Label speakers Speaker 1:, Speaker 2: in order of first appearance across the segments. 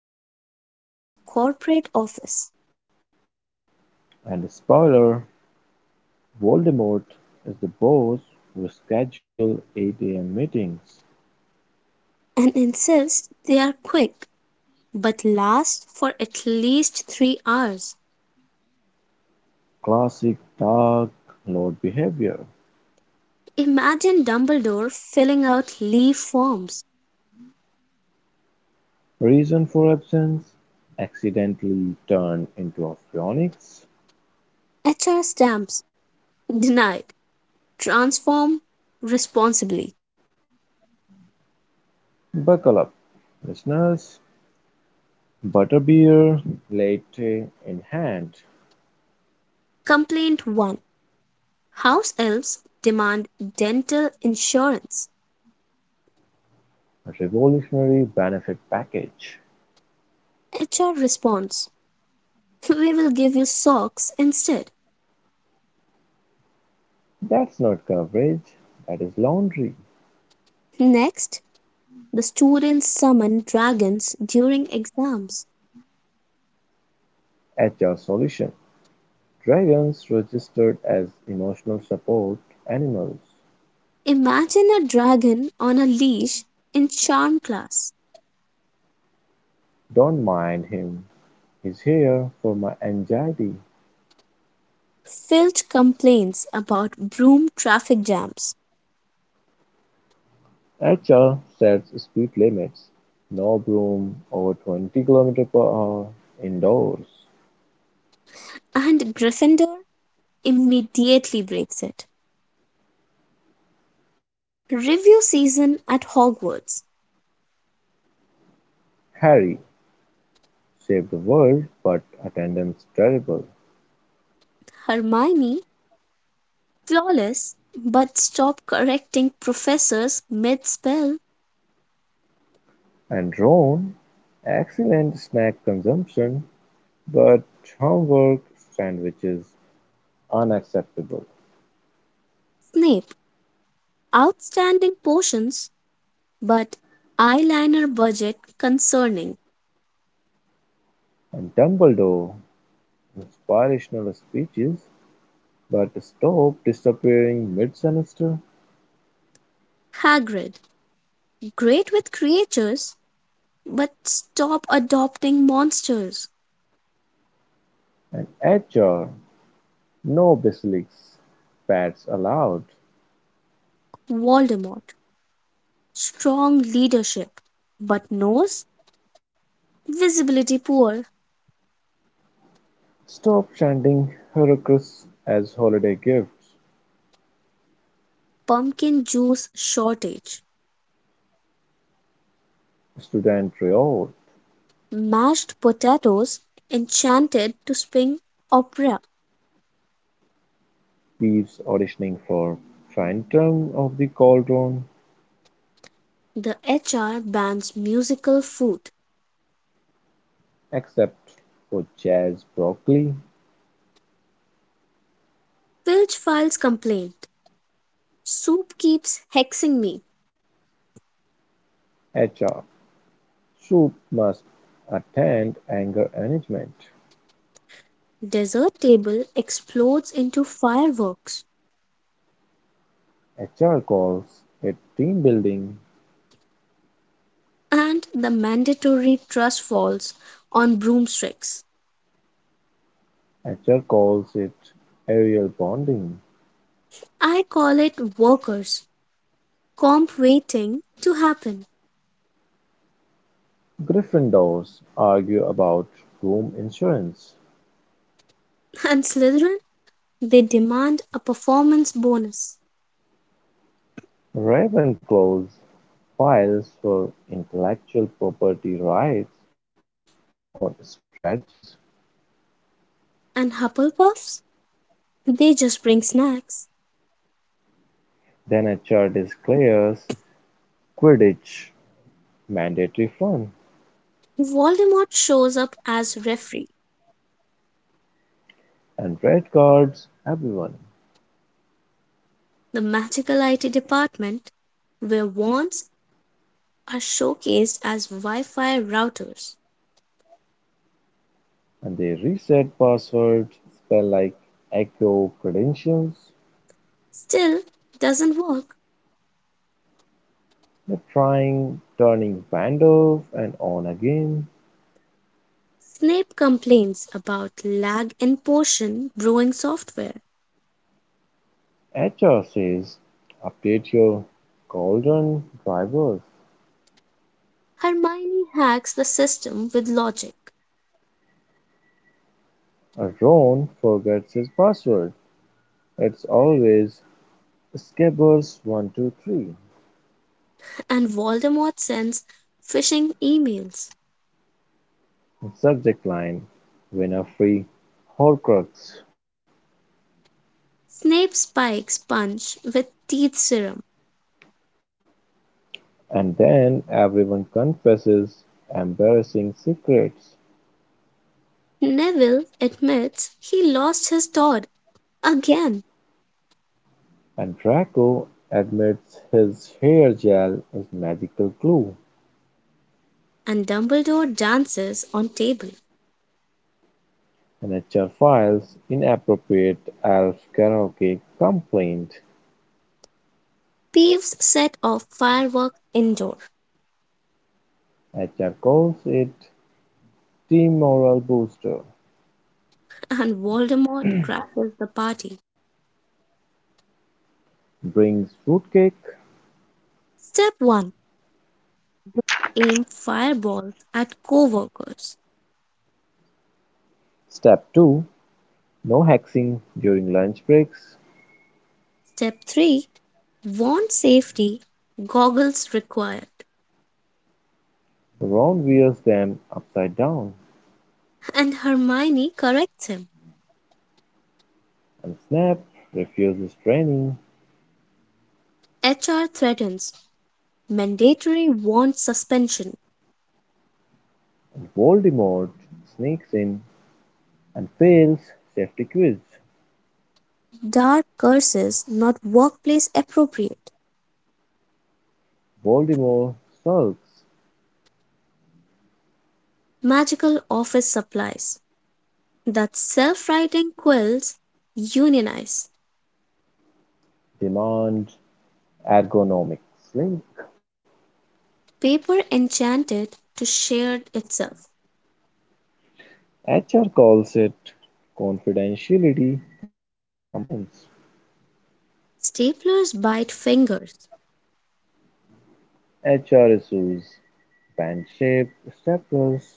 Speaker 1: Hogwarts as a corporate office,
Speaker 2: And spoiler, Voldemort is the boss who schedule 8 a.m. meetings.
Speaker 1: and insists they are quick but last for at least three hours.
Speaker 2: Classic Dark Lord behavior.
Speaker 1: Imagine Dumbledore filling out leave forms,
Speaker 2: Reason for absence? Accidentally turned into a phonics.
Speaker 1: HR stamps, denied, transform responsibly.
Speaker 2: Buckle up, listeners. Butterbeer latte in hand.
Speaker 1: Complaint 1: house elves demand dental insurance.
Speaker 2: A revolutionary benefit package.
Speaker 1: HR responds, "So we will give you socks instead."
Speaker 2: That's not coverage, that is laundry.
Speaker 1: Next, the students summon dragons during exams.
Speaker 2: HR solution: dragons registered as emotional support animals.
Speaker 1: Imagine a dragon on a leash in charm class.
Speaker 2: Don't mind him. He's here for my anxiety.
Speaker 1: Filch complains about broom traffic jams,
Speaker 2: HR sets speed limits. No broom over 20 kilometers per hour indoors.
Speaker 1: and Gryffindor immediately breaks it. Review season at Hogwarts.
Speaker 2: Harry saved the world, but attendance terrible.
Speaker 1: Hermione, flawless, but stop correcting professors mid spell.
Speaker 2: And Ron, excellent snack consumption, but homework sandwiches unacceptable.
Speaker 1: Snape, outstanding potions, but eyeliner budget concerning.
Speaker 2: And Dumbledore, inspirational speeches, but stop disappearing mid semester.
Speaker 1: Hagrid, great with creatures, but stop adopting monsters.
Speaker 2: And HR, no basilisks, pets allowed.
Speaker 1: Voldemort, strong leadership, but nose visibility poor.
Speaker 2: Stop chanting Heracles as holiday gifts.
Speaker 1: Pumpkin juice shortage.
Speaker 2: Student riot,
Speaker 1: Mashed potatoes, enchanted to sing opera.
Speaker 2: Peeves auditioning for Phantom of the Cauldron,
Speaker 1: The HR bans musical food.
Speaker 2: except for Jazz Broccoli.
Speaker 1: Filch files complaint. Soup keeps hexing me.
Speaker 2: HR, soup must attend anger management.
Speaker 1: Desert Table explodes into fireworks,
Speaker 2: HR calls it team building.
Speaker 1: and the mandatory trust falls on broomsticks.
Speaker 2: HR calls it aerial bonding.
Speaker 1: I call it workers' comp waiting to happen.
Speaker 2: Gryffindors argue about room insurance.
Speaker 1: And Slytherin, they demand a performance bonus.
Speaker 2: Ravenclaws files for intellectual property rights or strategies.
Speaker 1: And Hufflepuffs, they just bring snacks.
Speaker 2: Then HR declares Quidditch mandatory fun,
Speaker 1: Voldemort shows up as referee,
Speaker 2: and red cards everyone,
Speaker 1: the magical IT department, where wands are showcased as Wi Fi routers.
Speaker 2: and they reset passwords, spell like echo credentials.
Speaker 1: Still doesn't work.
Speaker 2: The trying, turning vandals and on again.
Speaker 1: Snape complains about lag in potion brewing software,
Speaker 2: HR says update your golden drivers.
Speaker 1: Hermione hacks the system with logic,
Speaker 2: Ron forgets his password. It's always Scabbers123.
Speaker 1: and Voldemort sends phishing emails.
Speaker 2: Subject line, Winner free Horcrux.
Speaker 1: Snape spikes Punch with teeth serum.
Speaker 2: And then everyone confesses embarrassing secrets,
Speaker 1: Neville admits he lost his Tod again,
Speaker 2: and Draco admits his hair gel is magical glue.
Speaker 1: and Dumbledore dances on table.
Speaker 2: When HR files inappropriate Alf karaoke complaint,
Speaker 1: Peeves set off fireworks indoor,
Speaker 2: HR calls it "team morale booster",
Speaker 1: and Voldemort crashes the party.
Speaker 2: brings fruitcake.
Speaker 1: Step 1: aim fireballs at co-workers.
Speaker 2: Step two: no hexing during lunch breaks.
Speaker 1: Step 3: warns safety goggles required,
Speaker 2: Ron wears them upside down,
Speaker 1: and Hermione corrects him.
Speaker 2: and Snape refuses training.
Speaker 1: HR threatens mandatory wand suspension.
Speaker 2: Voldemort sneaks in and fails safety quiz.
Speaker 1: Dark curses not workplace appropriate.
Speaker 2: Voldemort sulks.
Speaker 1: Magical office supplies that self writing quills unionize.
Speaker 2: Demand ergonomic slink.
Speaker 1: Paper enchanted to share itself.
Speaker 2: HR calls it confidentiality compliance.
Speaker 1: Staplers bite fingers.
Speaker 2: HR issues band shape staplers.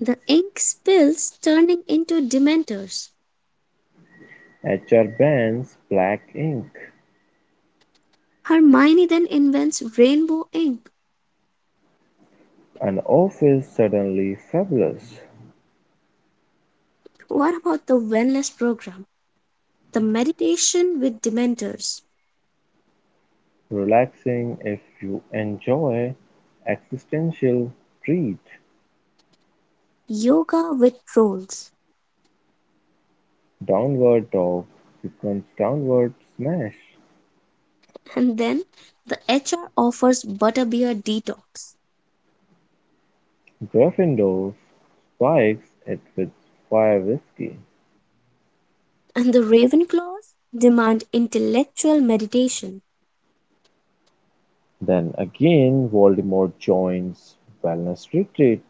Speaker 1: The ink spills turning into dementors.
Speaker 2: HR bans black ink,
Speaker 1: Hermione then invents rainbow ink.
Speaker 2: an office suddenly fabulous,
Speaker 1: What about the wellness program? The meditation with dementors,
Speaker 2: relaxing if you enjoy, existential treat,
Speaker 1: yoga with trolls,
Speaker 2: downward dog becomes downward smash,
Speaker 1: and then the HR offers butterbeer detox,
Speaker 2: Gryffindor spikes it with fire whiskey.
Speaker 1: and the Ravenclaws demand intellectual meditation,
Speaker 2: Then again, Voldemort joins Wellness Retreat.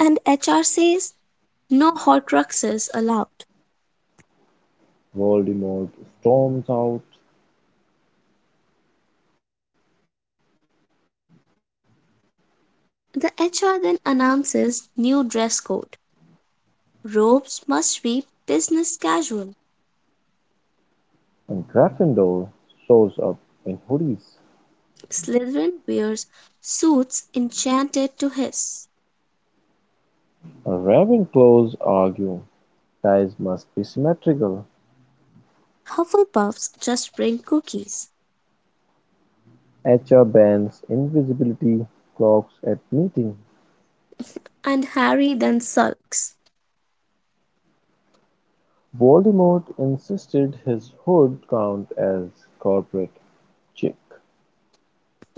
Speaker 1: and HR says no Horcruxes allowed.
Speaker 2: Voldemort storms out,
Speaker 1: The HR then announces new dress code. Robes must be business casual.
Speaker 2: and Gryffindor shows up in hoodies.
Speaker 1: Slytherin wears suits enchanted to his.
Speaker 2: Ravenclaws argue ties must be symmetrical.
Speaker 1: Hufflepuffs just bring cookies,
Speaker 2: HR bans invisibility clocks at meeting.
Speaker 1: and Harry then sulks.
Speaker 2: Voldemort insisted his hood count as corporate chic.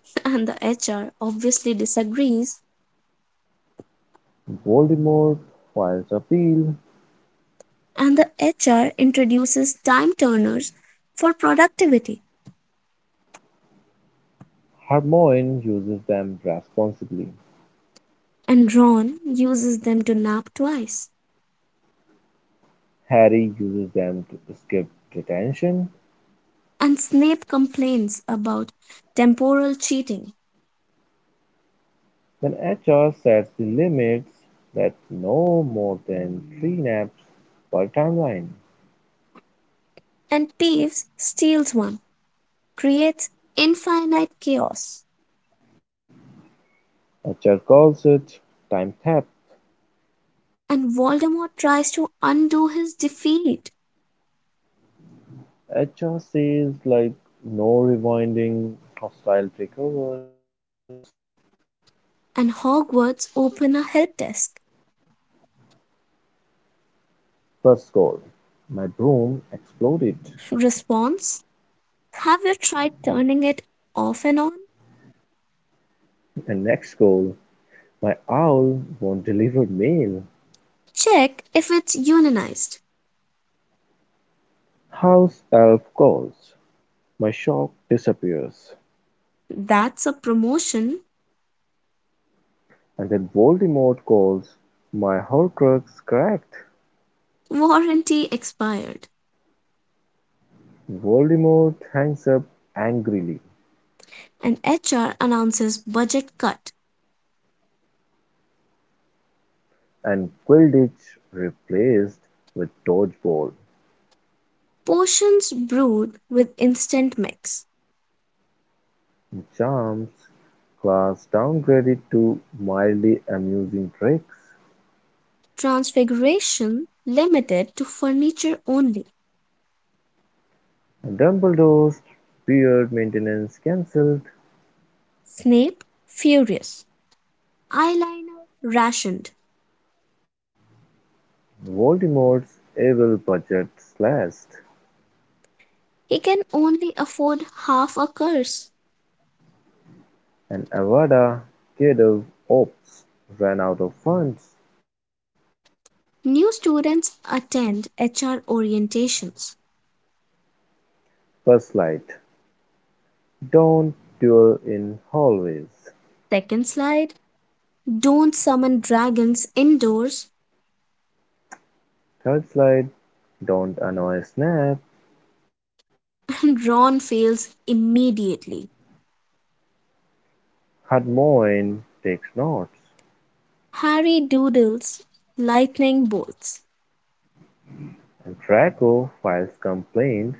Speaker 1: And the HR obviously disagrees,
Speaker 2: Voldemort files appeal.
Speaker 1: and the HR introduces time turners for productivity,
Speaker 2: Hermione uses them responsibly.
Speaker 1: and Ron uses them to nap twice,
Speaker 2: Harry uses them to escape detention,
Speaker 1: and Snape complains about temporal cheating,
Speaker 2: then H. R. sets the limits that no more than three naps per timeline.
Speaker 1: and Peeves steals one, creates infinite chaos.
Speaker 2: H. R. calls it "time theft".
Speaker 1: And Voldemort tries to undo his defeat,
Speaker 2: H. R. says like no rewinding, hostile takeovers.
Speaker 1: and Hogwarts open a help desk.
Speaker 2: First goal, my broom exploded.
Speaker 1: Response: have you tried turning it off and on?
Speaker 2: And next goal, my owl won't deliver mail.
Speaker 1: Check if it's unionized.
Speaker 2: House elf calls, my shock disappears.
Speaker 1: That's a promotion.
Speaker 2: And then Voldemort calls, my Horcrux cracked.
Speaker 1: Warranty expired.
Speaker 2: Voldemort hangs up angrily,
Speaker 1: And HR announces budget cut.
Speaker 2: and Quidditch replaced with dodgeball.
Speaker 1: Potions brewed with instant mix.
Speaker 2: Charms class downgraded to mildly amusing tricks.
Speaker 1: Transfiguration limited to furniture only.
Speaker 2: Dumbledore's beard maintenance cancelled.
Speaker 1: Snape furious. Eyeliner rationed.
Speaker 2: Voldemort's evil budget slashed.
Speaker 1: He can only afford half a course.
Speaker 2: And Avada Kedavra Ops ran out of funds.
Speaker 1: New students attend HR orientations.
Speaker 2: First light. Don't duel in hallways.
Speaker 1: Second slide: don't summon dragons indoors.
Speaker 2: Third slide. Don't annoy Snap.
Speaker 1: Ron fails immediately.
Speaker 2: Hermione takes notes,
Speaker 1: Harry doodles lightning bolts.
Speaker 2: and Draco files complaint.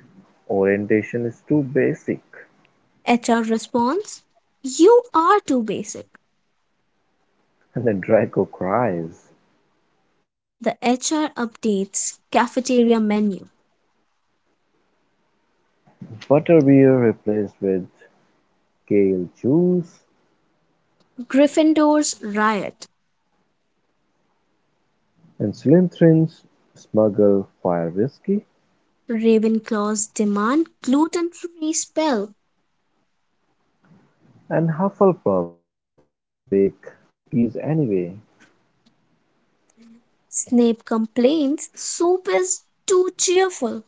Speaker 2: Orientation is too basic,
Speaker 1: HR responds, "You are too basic."
Speaker 2: and then Draco cries.
Speaker 1: The HR updates cafeteria menu.
Speaker 2: Butterbeer replaced with Gale Juice,
Speaker 1: Gryffindors riot.
Speaker 2: and Slytherins smuggle fire whiskey,
Speaker 1: Ravenclaws demand gluten free spell.
Speaker 2: and Hufflepuffs bake cookies anyway.
Speaker 1: Snape complains soup is too cheerful,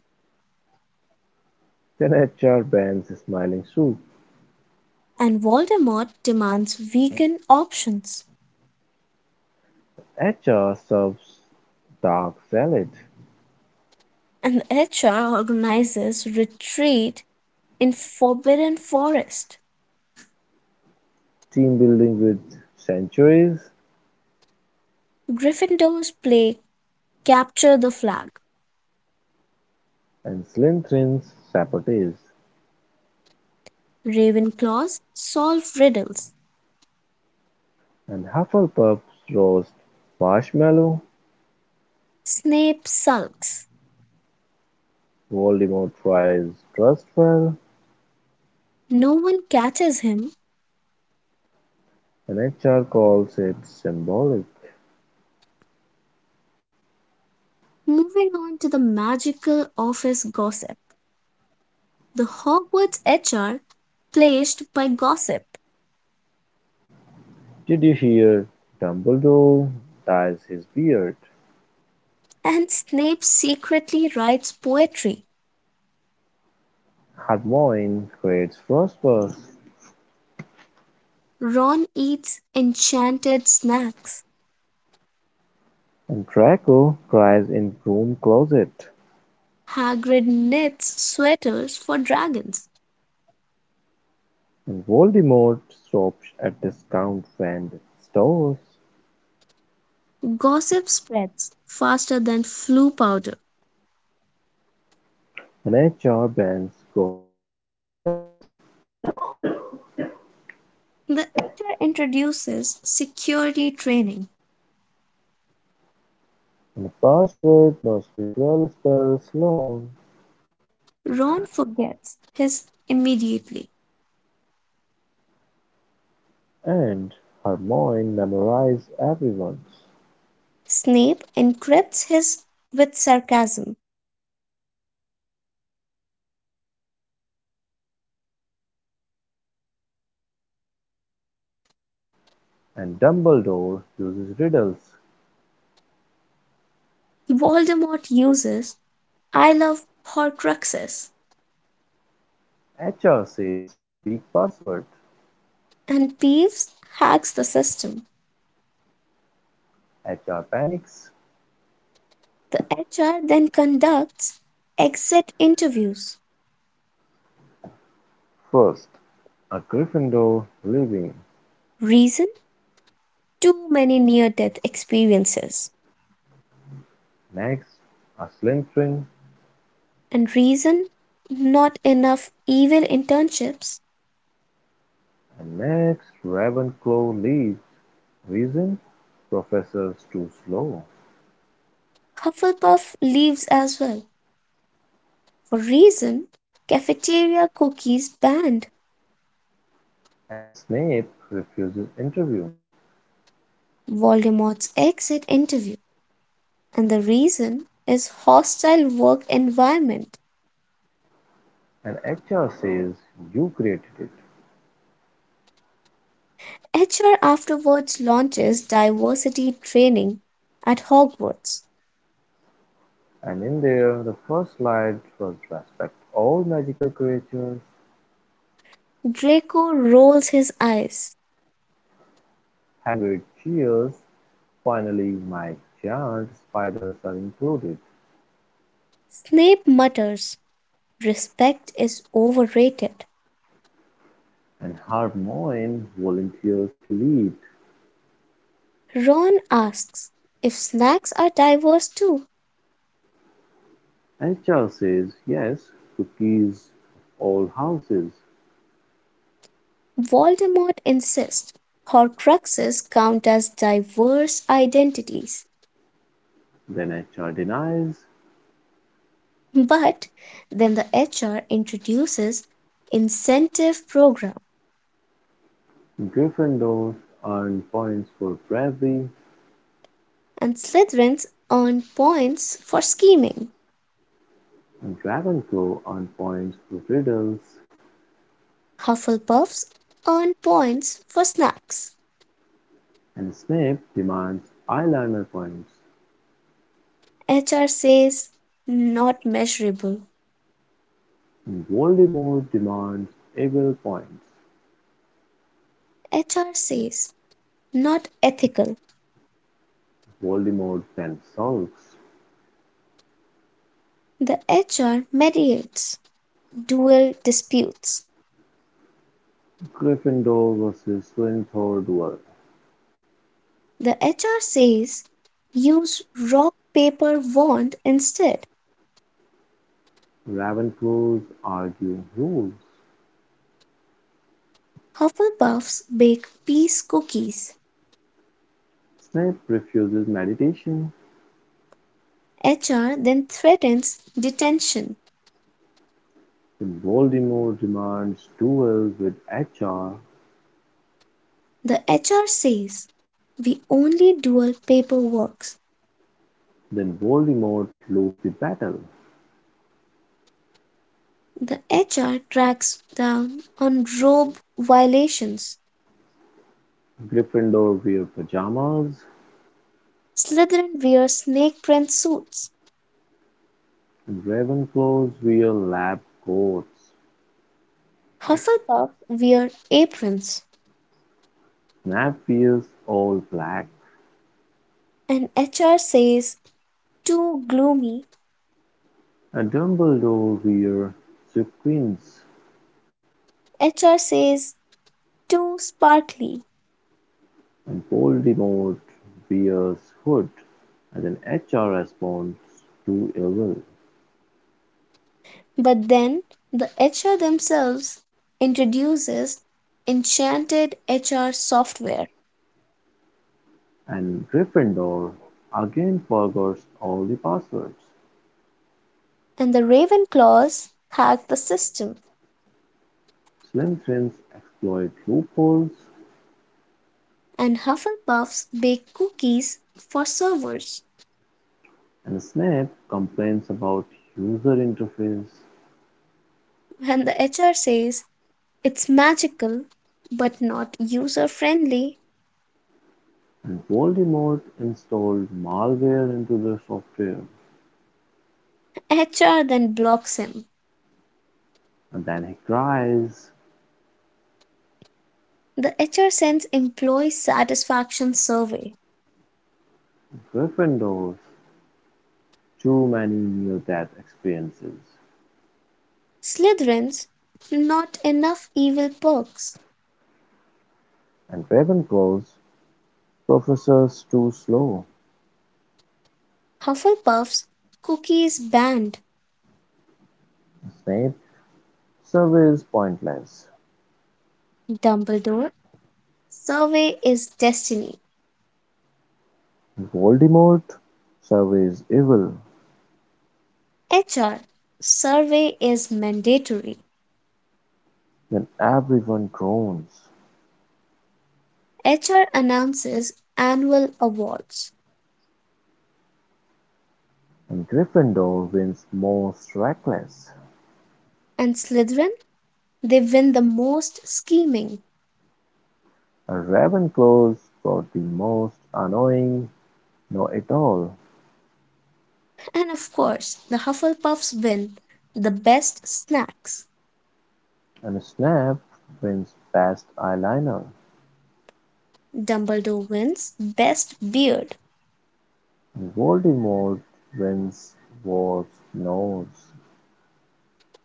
Speaker 2: Then HR bans smiling soup.
Speaker 1: and Voldemort demands vegan options.
Speaker 2: H.R. serves dark salad,
Speaker 1: And HR organizes retreat in Forbidden Forest.
Speaker 2: team building with centuries
Speaker 1: Gryffindors play capture the flag.
Speaker 2: and Slytherin's sabotage,
Speaker 1: Ravenclaws solve riddles.
Speaker 2: and Hufflepuff's roast marshmallow.
Speaker 1: Snape sulks.
Speaker 2: Voldemort tries Trustfell,
Speaker 1: No one catches him.
Speaker 2: and H.R. calls it symbolic.
Speaker 1: Moving on to the magical office gossip. The Hogwarts HR placed by gossip.
Speaker 2: Did you hear? Dumbledore dyes his beard.
Speaker 1: And Snape secretly writes poetry.
Speaker 2: Hermione creates Frostburst,
Speaker 1: Ron eats enchanted snacks.
Speaker 2: and Draco cries in broom closet.
Speaker 1: Hagrid knits sweaters for dragons.
Speaker 2: Voldemort stops at discount vendor stores
Speaker 1: Gossip spreads faster than flu powder.
Speaker 2: and HR bans gossip spells,
Speaker 1: The actor introduces security training.
Speaker 2: and the password must be 12 spells long,
Speaker 1: Ron forgets his immediately.
Speaker 2: and Hermione memorizes everyone's,
Speaker 1: Snape encrypts his with sarcasm.
Speaker 2: and Dumbledore uses riddles.
Speaker 1: Voldemort uses "I love Horcruxes."
Speaker 2: HR says weak password.
Speaker 1: And Peeves hacks the system.
Speaker 2: HR panics.
Speaker 1: The HR then conducts exit interviews.
Speaker 2: First, a Gryffindor leaving,
Speaker 1: Reason: too many near death experiences,
Speaker 2: next a Slytherin,
Speaker 1: and reason: not enough evil internships.
Speaker 2: and next Ravenclaw leaves. Reason: professor's too slow,
Speaker 1: Hufflepuff leaves as well. For reason, cafeteria cookies banned.
Speaker 2: and Snape refuses interview,
Speaker 1: Voldemort's exit interview, and the reason is hostile work environment.
Speaker 2: and HR says you created it.
Speaker 1: HR afterwards launches diversity training at Hogwarts.
Speaker 2: And in there, the first slide was respect all magical creatures,
Speaker 1: Draco rolls his eyes.
Speaker 2: Hagrid cheers, finally my giant spiders are included,
Speaker 1: Snape mutters, "Respect is overrated."
Speaker 2: and Hermione volunteers to lead.
Speaker 1: Ron asks if snacks are diverse too.
Speaker 2: HR says yes, cookies of all houses.
Speaker 1: Voldemort insists Horcruxes count as diverse identities.
Speaker 2: Then HR denies.
Speaker 1: But then the HR introduces incentive program,
Speaker 2: Gryffindor earned points for bravery,
Speaker 1: and Slytherins earn points for scheming.
Speaker 2: and Ravenclaw earned points for riddles,
Speaker 1: Hufflepuffs earn points for snacks.
Speaker 2: and Snape demands eyeliner points.
Speaker 1: HR says not measurable.
Speaker 2: And Voldemort demands evil points.
Speaker 1: HR says not ethical.
Speaker 2: Voldemort then sulks.
Speaker 1: The HR mediates dual disputes.
Speaker 2: Gryffindor versus Slytherin duel.
Speaker 1: The HR says use rock paper wand instead.
Speaker 2: Ravenclaws argue rules.
Speaker 1: Hufflepuffs bake peace cookies.
Speaker 2: Snape refuses meditation.
Speaker 1: HR then threatens detention.
Speaker 2: Then Voldemort demands duels with HR.
Speaker 1: The HR says we only dual paper works.
Speaker 2: Then Voldemort loses the battle.
Speaker 1: The HR tracks down on robe violations.
Speaker 2: Gryffindor wear pajamas
Speaker 1: Slytherin wear snake print suits.
Speaker 2: and Ravenclaws wear lab coats.
Speaker 1: Hufflepuff wear aprons.
Speaker 2: Snape wears all black
Speaker 1: And HR says too gloomy.
Speaker 2: and Dumbledore wears sequins
Speaker 1: HR says too sparkly.
Speaker 2: and Voldemort wears hood as an HR response to evil.
Speaker 1: But then the HR themselves introduces enchanted HR software.
Speaker 2: And Gryffindor again forgets all the passwords.
Speaker 1: And the Ravenclaws hack the system.
Speaker 2: Slytherins exploit loopholes
Speaker 1: And Hufflepuffs bake cookies for servers.
Speaker 2: and Snape complains about user interface.
Speaker 1: And the HR says it's magical but not user friendly.
Speaker 2: And Voldemort installed malware into the software,
Speaker 1: HR then blocks him.
Speaker 2: and then he cries.
Speaker 1: The HR sends employee satisfaction survey.
Speaker 2: Gryffindors, too many near-death experiences,
Speaker 1: Slytherins, not enough evil perks.
Speaker 2: and Ravenclaws, professors too slow,
Speaker 1: Hufflepuffs, cookies banned.
Speaker 2: Snape, surveys pointless,
Speaker 1: Dumbledore, survey is destiny.
Speaker 2: Voldemort, surveys evil,
Speaker 1: HR, survey is mandatory.
Speaker 2: then everyone groans,
Speaker 1: HR announces annual awards.
Speaker 2: and Gryffindor wins most reckless,
Speaker 1: And Slytherin, they win the most scheming.
Speaker 2: and Ravenclaws got the most annoying know-it-all.
Speaker 1: And of course, the Hufflepuffs win the best snacks.
Speaker 2: And Snape wins Best Eyeliner.
Speaker 1: Dumbledore wins Best Beard.
Speaker 2: And Voldemort wins Worst Nose.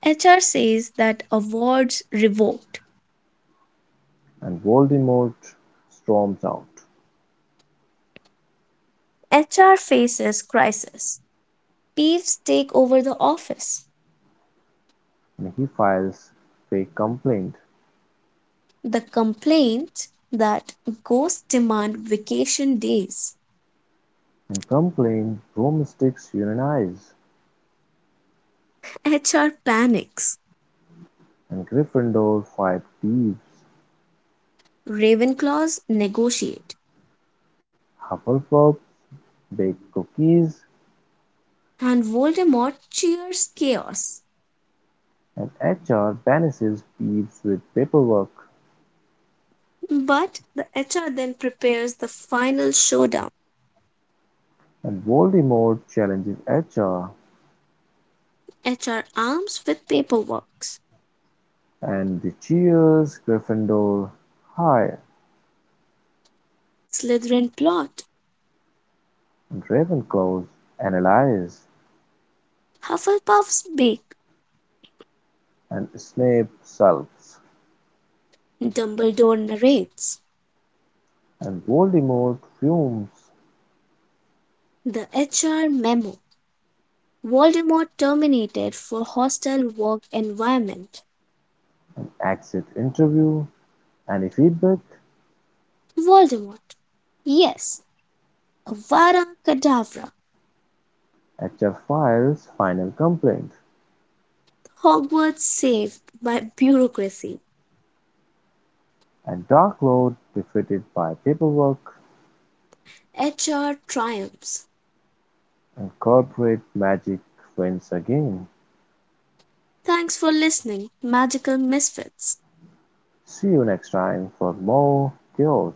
Speaker 1: HR says that award's revoked.
Speaker 2: And Voldemort storms out.
Speaker 1: HR faces crisis. Peeves take over the office.
Speaker 2: And he files fake complaint.
Speaker 1: The complaint that ghosts demand vacation days.
Speaker 2: And complaint broomsticks unionize.
Speaker 1: HR panics.
Speaker 2: And Gryffindor fight thieves.
Speaker 1: Ravenclaws negotiate.
Speaker 2: Hufflepuff bake cookies.
Speaker 1: And Voldemort cheers chaos.
Speaker 2: And HR banishes Peeves with paperwork.
Speaker 1: But the HR then prepares the final showdown.
Speaker 2: And Voldemort challenges HR.
Speaker 1: HR arms with paperwork.
Speaker 2: And the cheers Gryffindor high.
Speaker 1: Slytherin plot.
Speaker 2: Ravenclaw analyzes
Speaker 1: Hufflepuff's big,
Speaker 2: and Snape sulks,
Speaker 1: Dumbledore narrates.
Speaker 2: and Voldemort fumes
Speaker 1: The HR memo. Voldemort terminated for hostile work environment.
Speaker 2: and exits interview any feedback
Speaker 1: Voldemort. Yes, Avada Kedavra.
Speaker 2: at Cheshfire's final complaint,
Speaker 1: Hogwarts saved by bureaucracy.
Speaker 2: and Dark Lord defeated by paperwork
Speaker 1: HR triumphs.
Speaker 2: and corporate magic, wins again.
Speaker 1: Thanks for listening, magical misfits.
Speaker 2: See you next time for more chaos.